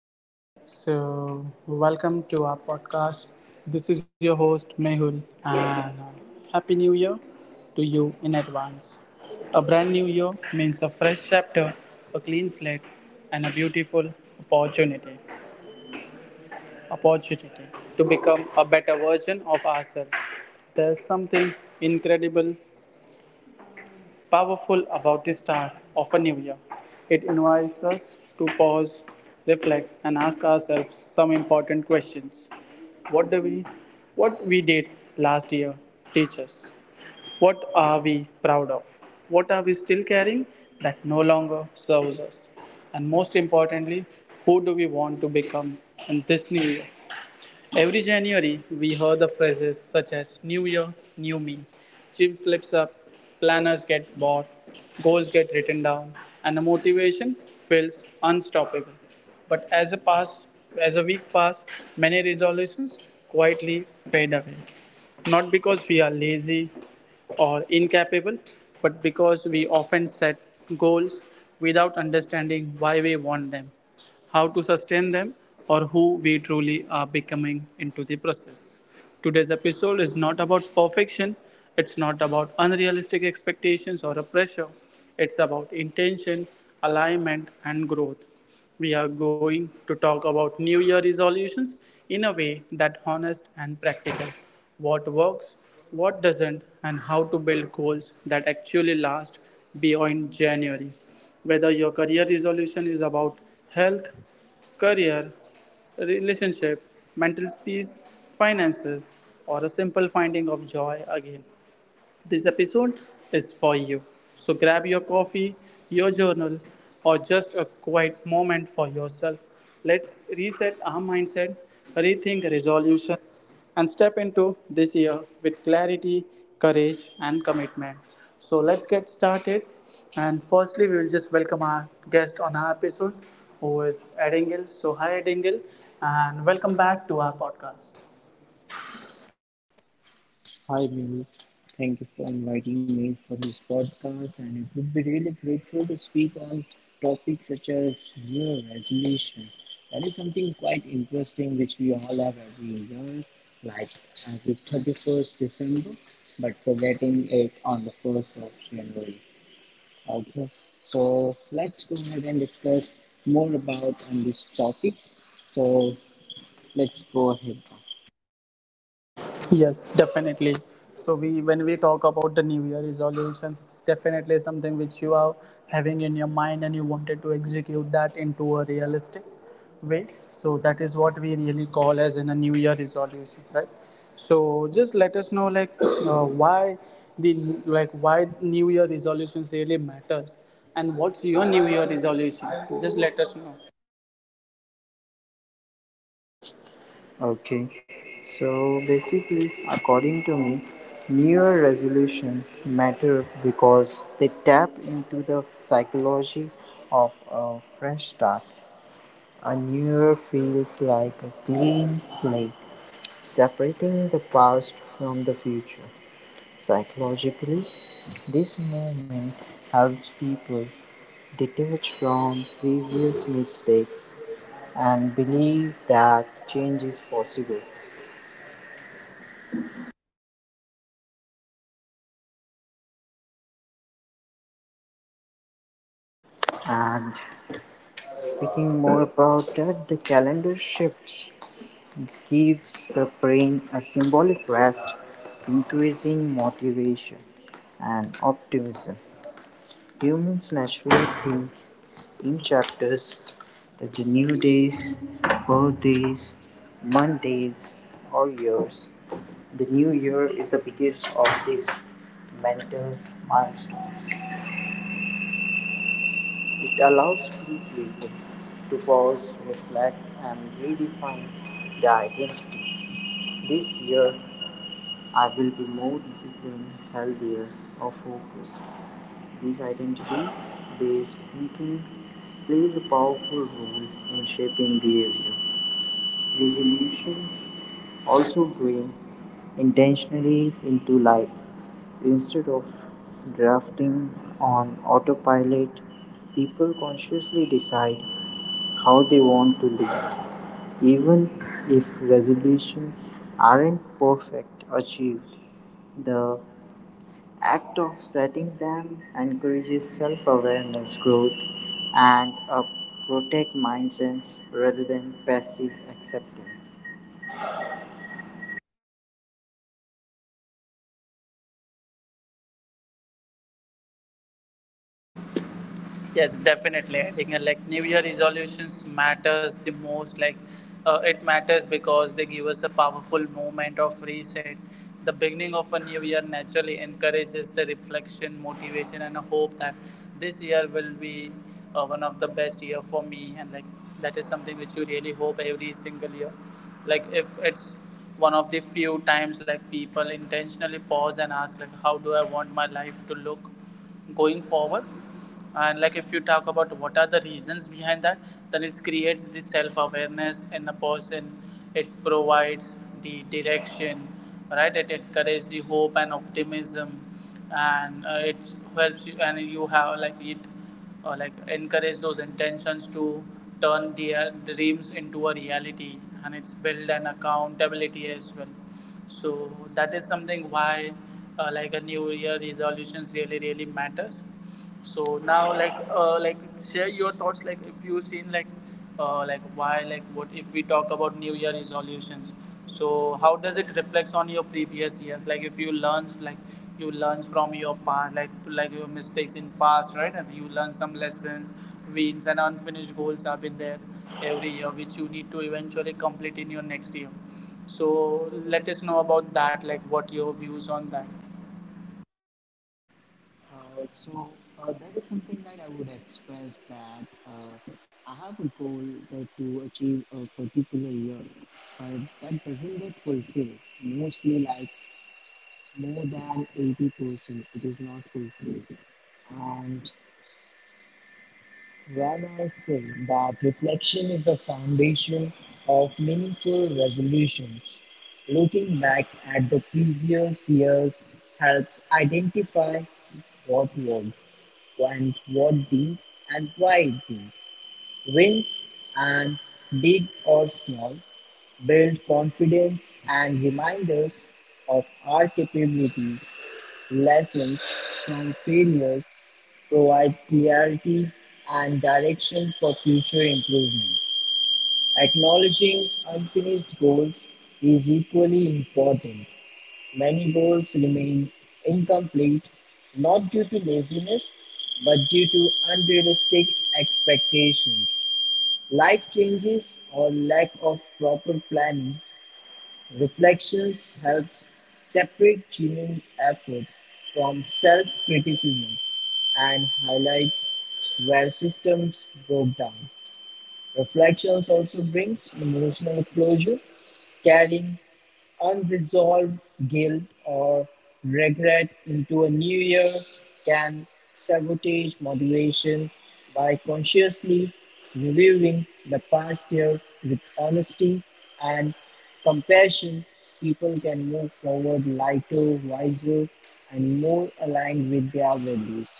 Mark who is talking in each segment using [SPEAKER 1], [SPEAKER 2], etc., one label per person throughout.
[SPEAKER 1] Okay, so welcome to our podcast. This is your host Mehul, and uh, Happy New Year to you in advance. A brand new year means a fresh chapter, a clean slate, and a beautiful opportunity. Opportunity to become a better version of ourselves. There's something incredible powerful about this start of a new year. It invites us to pause, reflect, and ask ourselves some important questions. What do we what we did last year teach us? What are we proud of? What are we still carrying that no longer serves us? And most importantly, who do we want to become in this new year? Every January, we hear the phrases such as New Year, New Me, gym flips up, planners get bought, goals get written down, and the motivation feels unstoppable. But as a pass, as a week pass, many resolutions quietly fade away. Not because we are lazy or incapable, but because we often set goals without understanding why we want them how to sustain them, or who we truly are becoming into the process. Today's episode is not about perfection, it's not about unrealistic expectations or a pressure, it's about intention, alignment, and growth. We are going to talk about New Year resolutions in a way that honest and practical. What works, what doesn't, and how to build goals that actually last beyond January. Whether your career resolution is about health, career, relationship, mental peace, finances, or a simple finding of joy again. This episode is for you. So grab your coffee, your journal, or just a quiet moment for yourself. Let's reset our mindset, rethink resolution, and step into this year with clarity, courage, and commitment. So let's get started. And firstly, we will just welcome our guest on our episode, who is Ed Engel. So hi, Ed Engel, and welcome back to our podcast.
[SPEAKER 2] Hi, Mimi. Thank you for inviting me for this podcast, and it would be really grateful to speak on topics such as New Year resolution. That is something quite interesting which we all have every year, like every 31st December, but forgetting it on the 1st of January. Okay, so let's go ahead and discuss more about on this topic. So let's go ahead.
[SPEAKER 1] Yes, definitely. So when we talk about the New Year resolutions, it's definitely something which you are having in your mind and you wanted to execute that into a realistic way. So that is what we really call as in a New Year resolution, right? So just let us know like why the like why New Year resolutions really matters, and what's your New Year resolution? Just let us know.
[SPEAKER 2] Okay, so basically, according to me, New Year resolution matter because they tap into the psychology of a fresh start. A New Year feels like a clean slate, separating the past from the future. Psychologically, this movement helps people detach from previous mistakes and believe that change is possible. And speaking more about that, the calendar shifts gives the brain a symbolic rest, increasing motivation and optimism. Humans naturally think in chapters that the new days, birthdays, Mondays, or years, the new year is the biggest of these mental milestones. It allows free people to pause, reflect, and redefine their identity. This year, I will be more disciplined, healthier, or focused. This identity based thinking plays a powerful role in shaping behavior. Resolutions also bring intentionally into life. Instead of drafting on autopilot, people consciously decide how they want to live. Even if resolutions aren't perfect achieved, the act of setting them encourages self awareness growth and a protect mindsets rather than passive acceptance.
[SPEAKER 1] Yes, definitely. I think like New Year resolutions matters the most. Like it matters because they give us a powerful moment of reset. The beginning of a new year naturally encourages the reflection, motivation, and a hope that this year will be one of the best year for me. And like that is something which you really hope every single year. Like if it's one of the few times like people intentionally pause and ask like how do I want my life to look going forward, and like if you talk about what are the reasons behind that, then it creates the self-awareness in the person, it provides the direction, right, it encourages the hope and optimism, and it helps you and you have like encourage those intentions to turn their dreams into a reality, and it's build an accountability as well. So that is something why, like, a new year resolutions really really matters. So now, share your thoughts. Like, if you seen like, what if we talk about New Year resolutions? So how does it reflects on your previous years? Like, if you learn, like, you learn from your past, like your mistakes in past, right? And you learn some lessons, wins, and unfinished goals have been there every year, which you need to eventually complete in your next year. So let us know about that. Like, what your views on that?
[SPEAKER 2] Uh, so that is something like I would express that I have a goal that to achieve a particular year, but that doesn't get fulfilled. Mostly like more than 80%, it is not fulfilled. And. Van Eyck said that reflection is the foundation of meaningful resolutions. Looking back at the previous years helps identify what worked, and what didn't, and why it didn't. Wins, and big or small, build confidence and reminders of our capabilities. Lessons from failures provide clarity and direction for future improvement. Acknowledging unfinished goals is equally important. Many goals remain incomplete not due to laziness but due to unrealistic expectations. Life changes or lack of proper planning, reflections helps separate genuine effort from self-criticism and highlights where systems broke down. Reflections also brings emotional closure, carrying unresolved guilt or regret into a new year can sabotage motivation by consciously reviewing the past year with honesty and compassion people can move forward lighter wiser and more aligned with their values.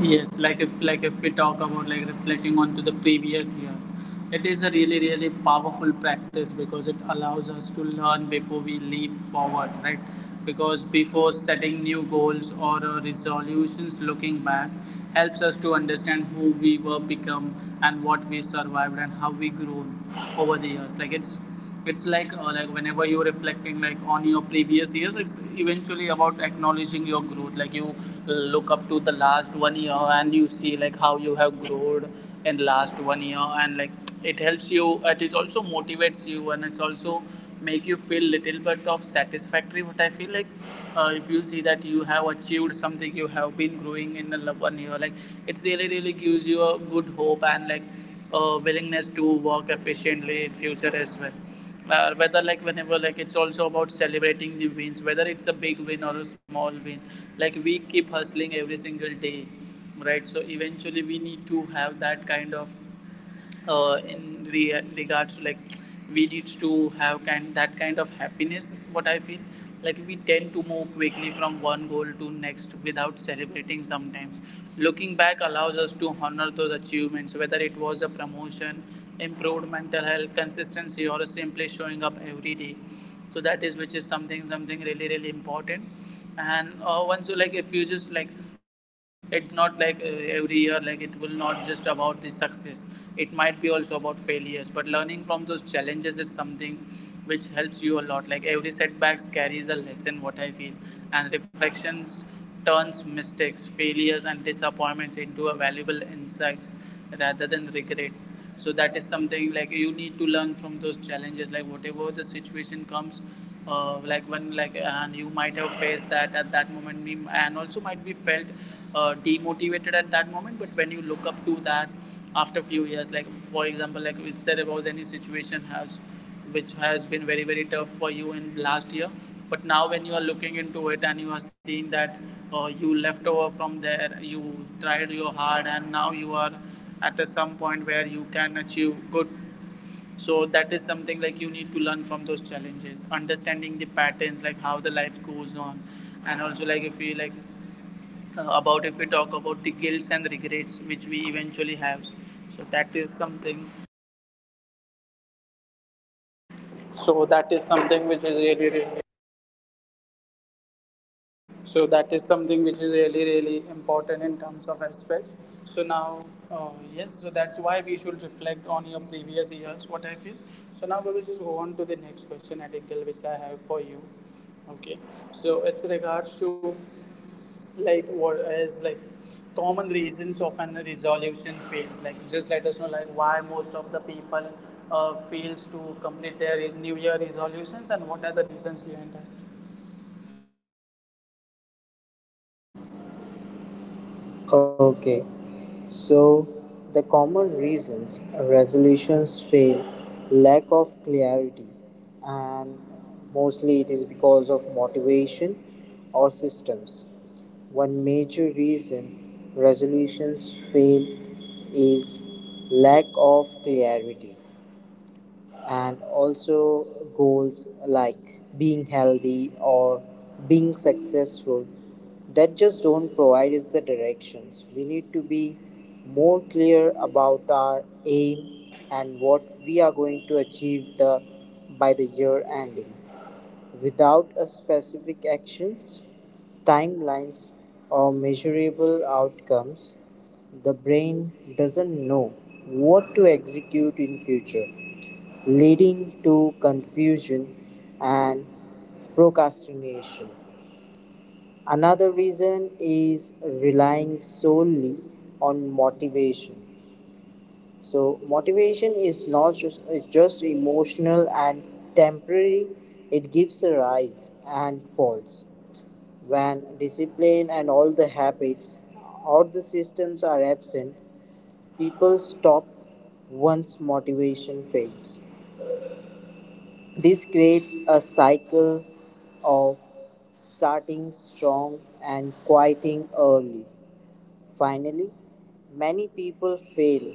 [SPEAKER 1] Yes, like if we talk about like reflecting onto the previous years, it is a really really powerful practice because it allows us to learn before we leap forward, right? Because before setting new goals or resolutions, looking back helps us to understand who we were become, and what we survived, and how we grown over the years. Like it's like whenever you're reflecting like on your previous years, it's eventually about acknowledging your growth. Like you look up to the last one year and you see like how you have grown in last one year. And like it helps you and it also motivates you, and it's also make you feel little bit of satisfactory what I feel. Like if you see that you have achieved something, you have been growing in the love one year, like it really really gives you a good hope. And like willingness to work efficiently in future as well. Whether like whenever like it's also about celebrating the wins, whether it's a big win or a small win, like we keep hustling every single day, right. So eventually we need to have that kind of, in re- regards to like we need to have kind that kind of happiness what I feel. Like we tend to move quickly from one goal to next without celebrating sometimes. Looking back allows us to honor those achievements, whether it was a promotion, improved mental health, consistency, or simply showing up every day. So that is which is something really really important. And once you like if you just like, it's just not like, every year, like it will not just about the success, it might be also about failures. But learning from those challenges is something which helps you a lot. Like every setbacks carries a lesson what I feel. And reflections turns mistakes, failures, and disappointments into a valuable insights rather than regret. So that is something like you need to learn from those challenges, like whatever the situation comes. Like when like and you might have faced that at that moment, and also might be felt demotivated at that moment. But when you look up to that after a few years, like for example, like if there was any situation has which has been very very tough for you in last year, but now when you are looking into it and you are seeing that you left over from there, you tried your hard, and now you are at a some point where you can achieve good. So that is something like you need to learn from those challenges, understanding the patterns, like how the life goes on. And also like if we talk about the guilts and regrets which we eventually have, so that is something, so that is something which is really really so that is something which is really, really important in terms of aspects. So now, yes, so that's why we should reflect on your previous years, what I feel. So now we will just go on to the next question, article which I have for you. Okay, so it's regards to like what is like common reasons of an resolution fails, like just let us know like why most of the people fails to complete their new year resolutions and what are the reasons behind that.
[SPEAKER 3] Okay, so the common reasons resolutions fail, lack of clarity, and mostly it is because of motivation or systems. One major reason resolutions fail is lack of clarity, and also goals like being healthy or being successful that just don't provide us the directions we need to be more clear about our aim and what we are going to achieve the by the year ending, without a specific actions, timelines, or measurable outcomes, the brain doesn't know what to execute in future, leading to confusion and procrastination. Another reason is relying solely on motivation. So motivation is not just is just emotional and temporary. It gives a rise and falls. When discipline and all the habits or the systems are absent, people stop once motivation fades. This creates a cycle of starting strong and quieting early. Finally, many people fail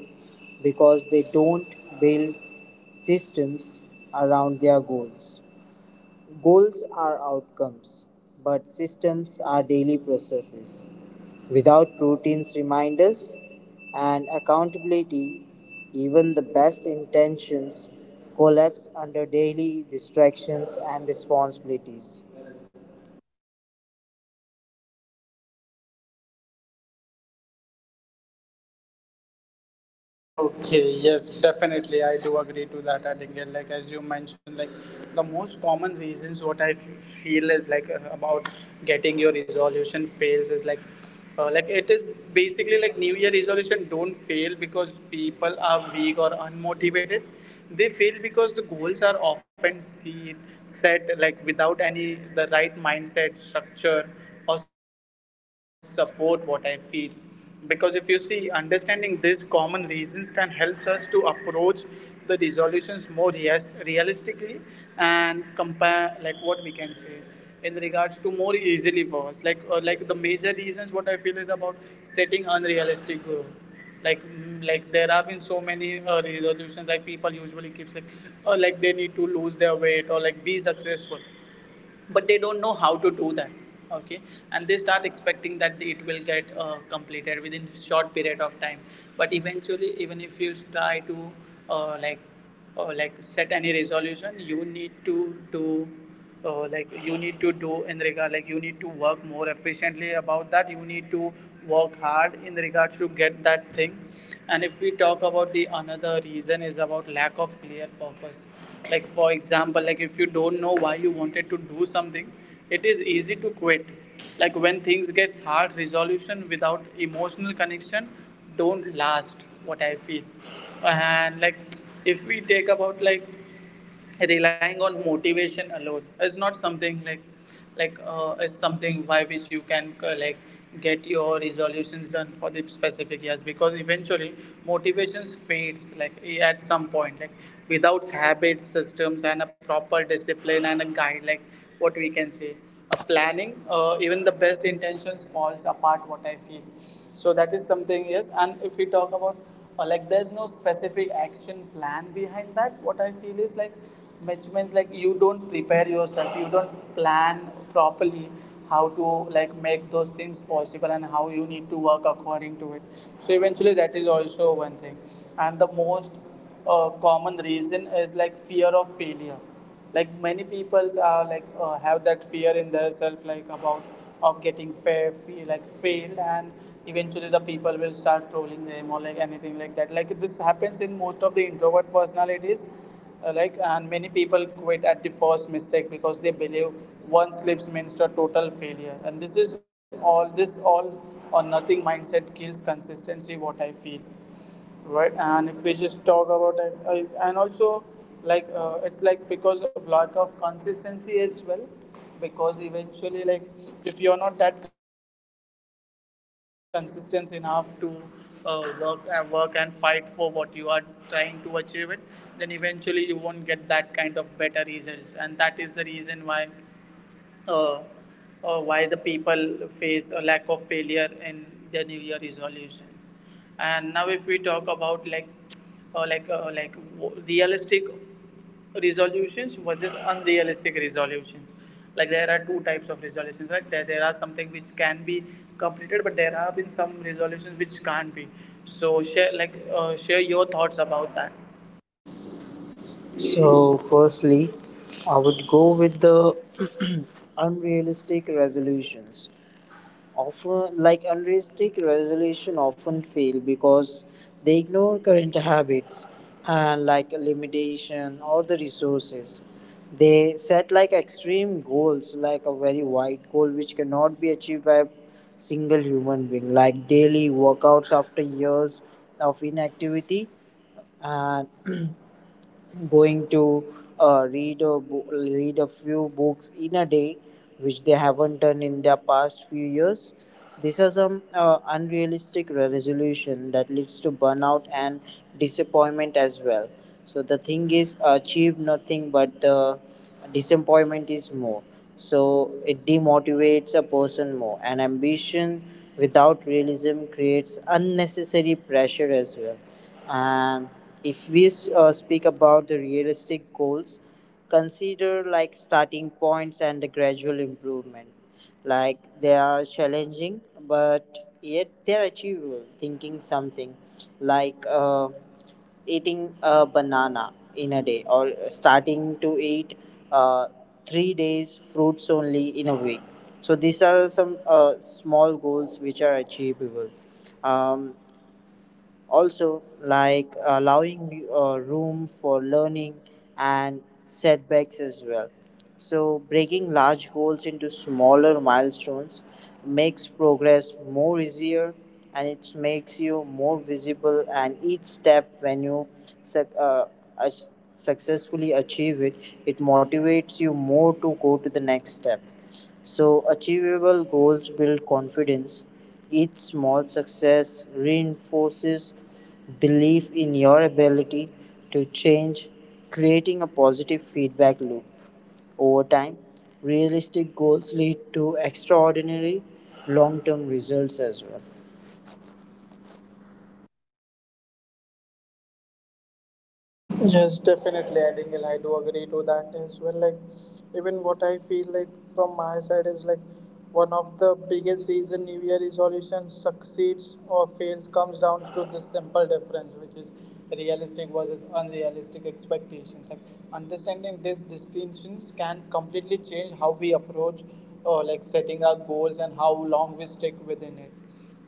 [SPEAKER 3] because they don't build systems around their goals. Goals are outcomes, but systems are daily processes. Without routines, reminders, and accountability, even the best intentions collapse under daily distractions and responsibilities.
[SPEAKER 1] Okay, yes, definitely. I do agree to that, Alingal. Like, as you mentioned, like, the most common reasons what I feel is like about getting your resolution fails is like it is basically like New Year resolution don't fail because people are weak or unmotivated. They fail because the goals are often seen, set like without any the right mindset, structure, or support. What I feel because if you see understanding these common reasons can help us to approach the resolutions more reas realistically and compare like what we can say in regards to more easily for us like the major reasons what I feel is about setting unrealistic goal like like there have been so many resolutions like people usually keeps like they need to lose their weight or like be successful, but they don't know how to do that. Okay. And they start expecting that it will get completed within short period of time, but eventually even if you try to uh, like set any resolution you need to do like you need to do in regard like you need to work more efficiently about that, you need to work hard in regards to get that thing. And if we talk about the another reason is about lack of clear purpose. Like for example like if you don't know why you wanted to do something it is easy to quit, like when things gets hard resolution without emotional connection don't last what I feel. And like if we take about like relying on motivation alone is not something like is something by which you can like get your resolutions done for the specific years, because eventually motivations fades like at some point, like without habits systems and a proper discipline and a guide, like what we can say a planning, even the best intentions falls apart what I feel. So that is something. Yes. And if we talk about or like there's no specific action plan behind that what I feel is like, which means like you don't prepare yourself, you don't plan properly how to like make those things possible and how you need to work according to it, so eventually that is also one thing. And the most common reason is like fear of failure. Like many people are like have that fear in their self like about of getting fair feel like failed, and eventually the people will start trolling them or like anything like that, like this happens in most of the introvert personalities. Like and many people quit at the first mistake because they believe one slips means a total failure, and this is all or nothing mindset kills consistency what I feel, right? And if we just talk about it and also like it's like because of lack of consistency as well, because eventually like if you're not that consistent enough to work and work and fight for what you are trying to achieve it, then eventually you won't get that kind of better results, and that is the reason uh, why the people face a lack of failure in their new year resolution. And now if we talk about like realistic resolutions versus unrealistic resolutions, like there are two types of resolutions, right? There are something which can be completed, but there have been some resolutions which can't be, so share like share your thoughts about that.
[SPEAKER 3] So, firstly, I would go with the unrealistic resolutions. Often, like, unrealistic resolution often fail because they ignore current habits and like limitation or the resources. They set like extreme goals, like a very wide goal which cannot be achieved by a single human being, like daily workouts after years of inactivity, and going to read a few books in a day, which they haven't done in their past few years. These are some unrealistic resolution that leads to burnout and disappointment as well. So the thing is, achieve nothing, but the disappointment is more. So it demotivates a person more. And ambition without realism creates unnecessary pressure as well. And if we speak about the realistic goals, consider like starting points and the gradual improvement. Like they are challenging, but yet they're achievable. Thinking something like eating a banana in a day, or starting to eat uh, 3 days fruits only in a week. So these are some small goals which are achievable. Um, also like allowing room for learning and setbacks as well, so breaking large goals into smaller milestones makes progress more easier, and it makes you more visible, and each step when you suc- uh, as- successfully achieve it, it motivates you more to go to the next step. So, achievable goals build confidence. Each small success reinforces belief in your ability to change, creating a positive feedback loop. Over time, realistic goals lead to extraordinary long term results as well.
[SPEAKER 1] Yes, definitely. I do agree to that as well. Like, even what I feel like from my side is like one of the biggest reason New Year resolution succeeds or fails comes down to this simple difference, which is realistic versus unrealistic expectations. Like, understanding these distinctions can completely change how we approach or like setting our goals and how long we stick within it.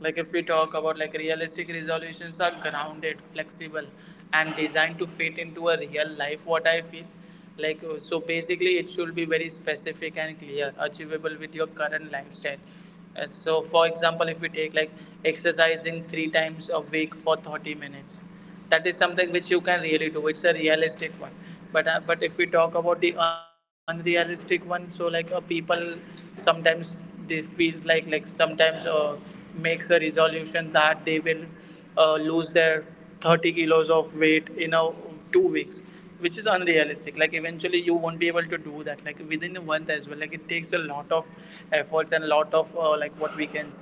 [SPEAKER 1] Like if we talk about like realistic resolutions are grounded flexible and designed to fit into a real life what I feel. Like so basically it should be very specific and clear achievable with your current lifestyle, and so for example if we take like exercising three times a week for 30 minutes, that is something which you can really do, it's a realistic one. But but if we talk about the unrealistic one, so like people sometimes they feels like sometimes makes a resolution that they will lose their 30 kilos of weight in a 2 weeks, which is unrealistic, like eventually you won't be able to do that like within a month as well, like it takes a lot of efforts and a lot of like what we can say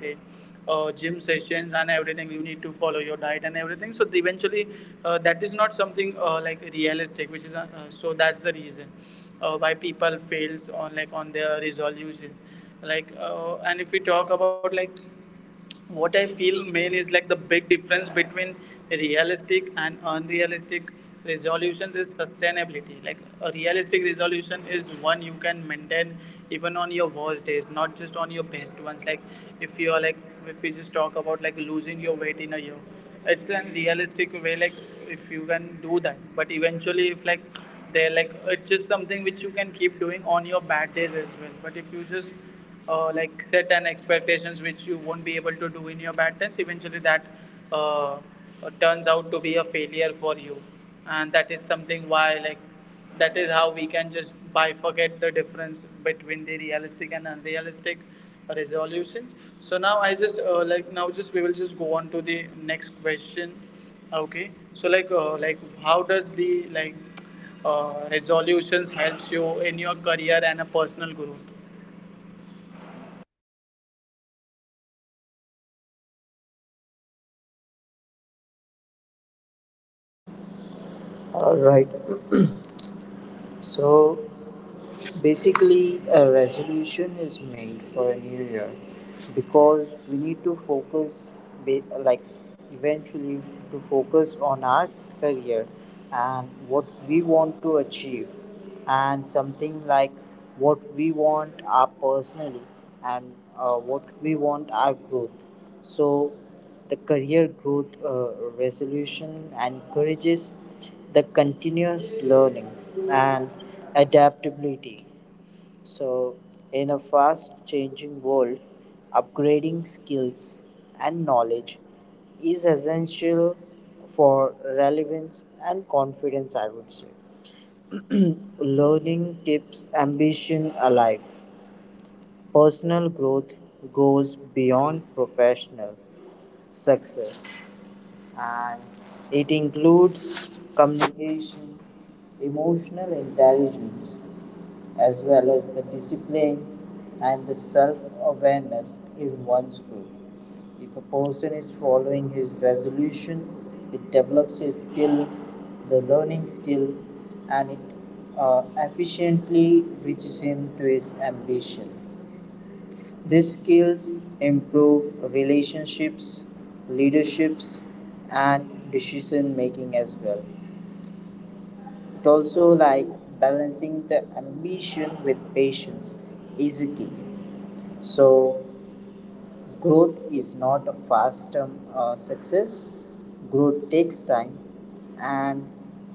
[SPEAKER 1] gym sessions and everything, you need to follow your diet and everything, so eventually that is not something like realistic, which is so that's the reason why people fails on like on their resolution, like and if we talk about like what I feel main is like the big difference between realistic and unrealistic resolutions is sustainability. Like a realistic resolution is one you can maintain even on your worst days, not just on your best ones. Like if you are like if we just talk about like losing your weight in a year, it's a realistic way. Like if you can do that, but eventually if like they're like it's just something which you can keep doing on your bad days as well. But if you just like set an expectations which you won't be able to do in your bad times, eventually that uh, turns out to be a failure for you, and that is something why like that is how we can just bifurcate the difference between the realistic and unrealistic resolutions. So now I just like now just we will just go on to the next question. Okay, so like how does the like resolutions helps you in your career and a personal growth.
[SPEAKER 3] All right. So, basically, a resolution is made for a new year because we need to focus, like, eventually to focus on our career and what we want to achieve, and something like what we want our personally, and what we want our growth. So, the career growth resolution encourages the continuous learning and adaptability. So, in a fast changing world, upgrading skills and knowledge is essential for relevance and confidence, I would say. Learning keeps ambition alive. Personal growth goes beyond professional success, and it includes communication, emotional intelligence, as well as the discipline and the self awareness in one's growth. If a person is following his resolution, it develops his skill, the learning skill, and it efficiently reaches him to his ambition. These skills improve relationships, leaderships, and decision making as well. It also like balancing the ambition with patience is a key. So, growth is not a fast term success. Growth takes time, and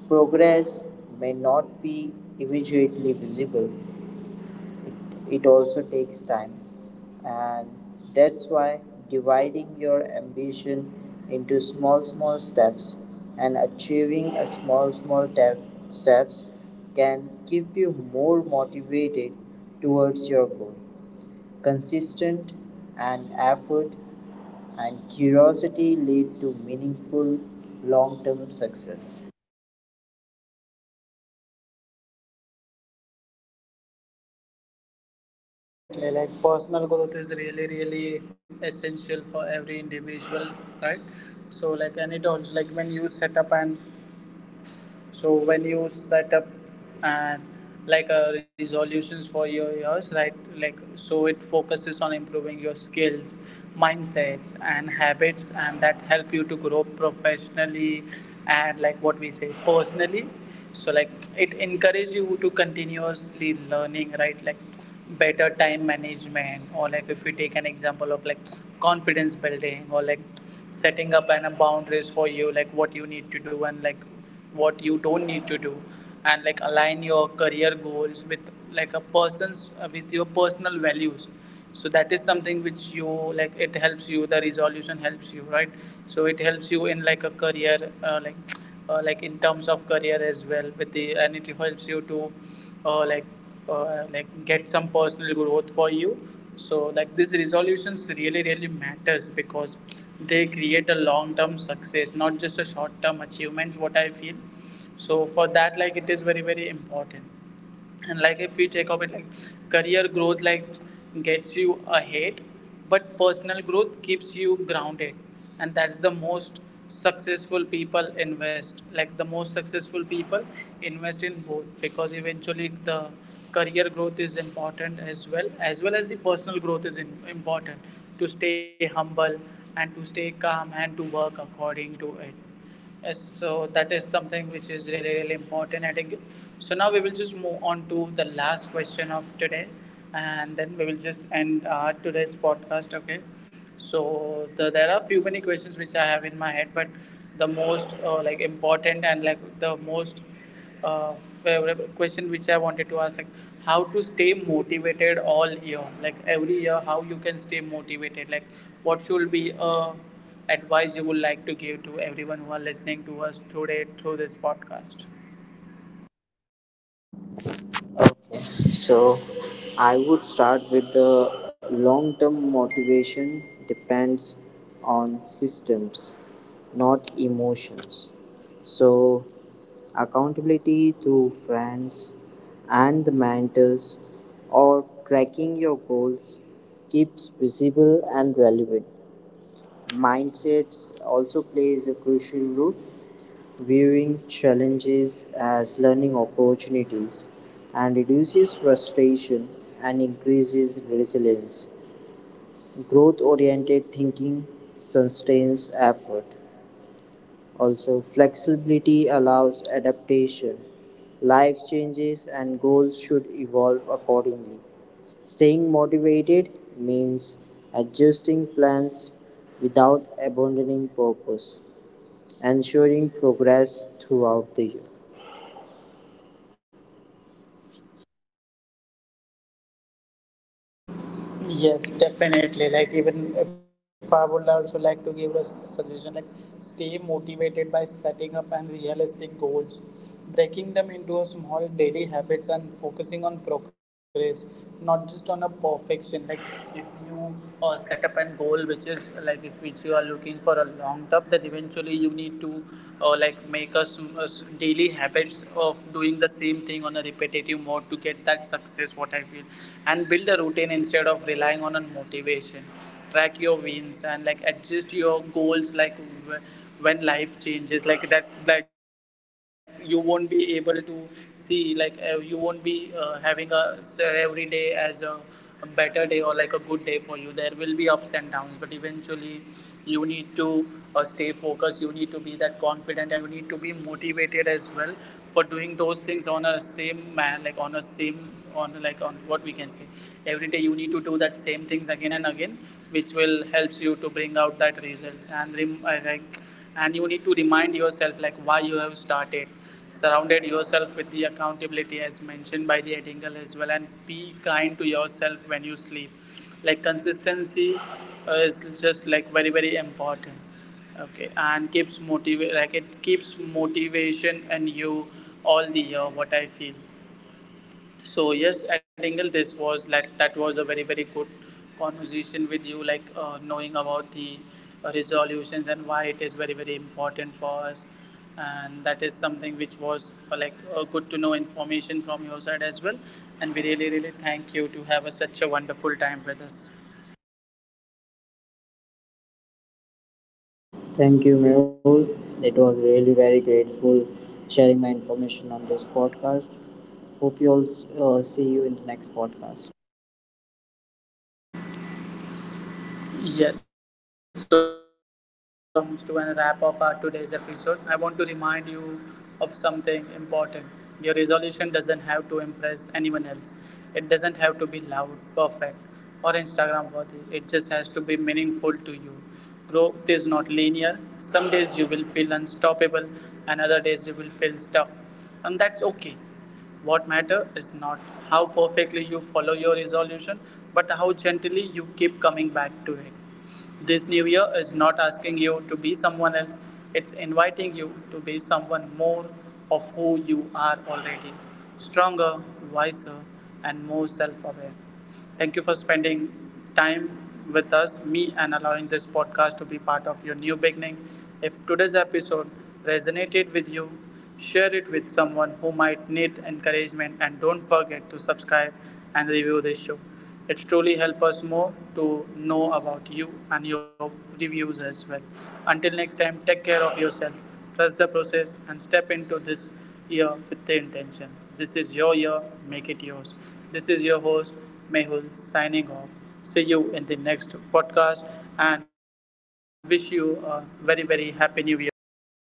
[SPEAKER 3] progress may not be immediately visible. It, it also takes time, and that's why dividing your ambition into small, small steps and achieving a small, small tap, steps can keep you more motivated towards your goal. Consistent and effort and curiosity lead to meaningful long-term success.
[SPEAKER 1] Yes, definitely. Like personal growth is really, really essential for every individual, right? So, like, and it also like when you set up an so when you set up and like resolutions for your years, right? Like so, it focuses on improving your skills, mindsets, and habits, and that help you to grow professionally and like what we say personally. So like it encourages you to continuously learning, right? Like better time management, or like if we take an example of like confidence building, or like setting up and a boundaries for you like what you need to do and like what you don't need to do and like align your career goals with like a person's with your personal values, so that is something which you like it helps you the resolution helps you, right? So it helps you in like a career like in terms of career as well with the and it helps you to uh, like like get some personal growth for you, so like these resolutions really really matters because they create a long term success, not just a short term achievements what I feel. So for that like it is very very important, and like if we take up it like career growth like gets you ahead but personal growth keeps you grounded, and that's the most successful people invest. Like the most successful people invest in both, because eventually the career growth is important as well as well as the personal growth is in, important to stay humble and to stay calm and to work according to it. Yes, so that is something which is really, really important. I think so. Now we will just move on to the last question of today, and then we will just end today's podcast. Okay, so the, there are few many questions which I have in my head, but the most like important and like the most uh, favorable question which I wanted to ask, like how to stay motivated all year, like every year, how you can stay motivated, like what should be advice you would like to give to everyone who are listening to us today through this podcast.
[SPEAKER 3] So I would start with the long-term motivation depends on systems, not emotions. So accountability through friends and the mentors or tracking your goals keeps visible and relevant. Mindsets also plays a crucial role, viewing challenges as learning opportunities and reduces frustration and increases resilience. Growth oriented thinking sustains effort. Also, flexibility allows adaptation. Life changes and goals should evolve accordingly. Staying motivated means adjusting plans without abandoning purpose, ensuring progress throughout the year.
[SPEAKER 1] Yes, definitely. Like even if I would also like to give a suggestion, like stay motivated by setting up and realistic goals, breaking them into a small daily habits and focusing on progress, not just on a perfection. Like if you set up an goal which is like if which you are looking for a long term, then eventually you need to like make a, daily habits of doing the same thing on a repetitive mode work to get that success what I feel, and build a routine instead of relying on a motivation. Track your wins and like adjust your goals like when life changes like that, like you won't be able to see like you won't be having every day as a better day or like a good day for you, there will be ups and downs, but eventually you need to stay focused, you need to be that confident and you need to be motivated as well for doing those things on a same man like on a same on like on what we can say every day you need to do that same things again and again, which will helps you to bring out that results, and like and you need to remind yourself like why you have started. Surrounded yourself with the accountability as mentioned by the article as well, and be kind to yourself when you sleep. Like consistency is just like very very important. Okay, and keeps motivate like it keeps motivation and you all the year. What I feel. So yes, at Angle, this was like that was a very very good conversation with you, like knowing about the resolutions and why it is very very important for us, and that is something which was like good to know information from your side as well, and we really really thank you to have a, such a wonderful time with us.
[SPEAKER 3] Thank you, Mehul. It was really very grateful sharing my information on this podcast. Hope you all see you in the next podcast.
[SPEAKER 1] Yes, so with that, we just comes to an wrap of our today's episode. I want to remind you of something important. Your resolution doesn't have to impress anyone else. It doesn't have to be loud, perfect, or Instagram worthy. It just has to be meaningful to you. Growth is not linear. Some days you will feel unstoppable, and other days you will feel stuck, and that's okay. What matters is not how perfectly you follow your resolution, but how gently you keep coming back to it. This new year is not asking you to be someone else, it's inviting you to be someone more of who you are already, stronger, wiser, and more self aware. Thank you for spending time with us, me, and allowing this podcast to be part of your new beginning. If today's episode resonated with you, share it with someone who might need encouragement, and don't forget to subscribe and review this show. It truly helps us more to know about you and your reviews as well. Until next time, take care of yourself. Trust the process and step into this year with the intention. This is your year, make it yours. This is your host, Mehul, signing off. See you in the next podcast and wish you a very, very happy new year to all. Bye bye.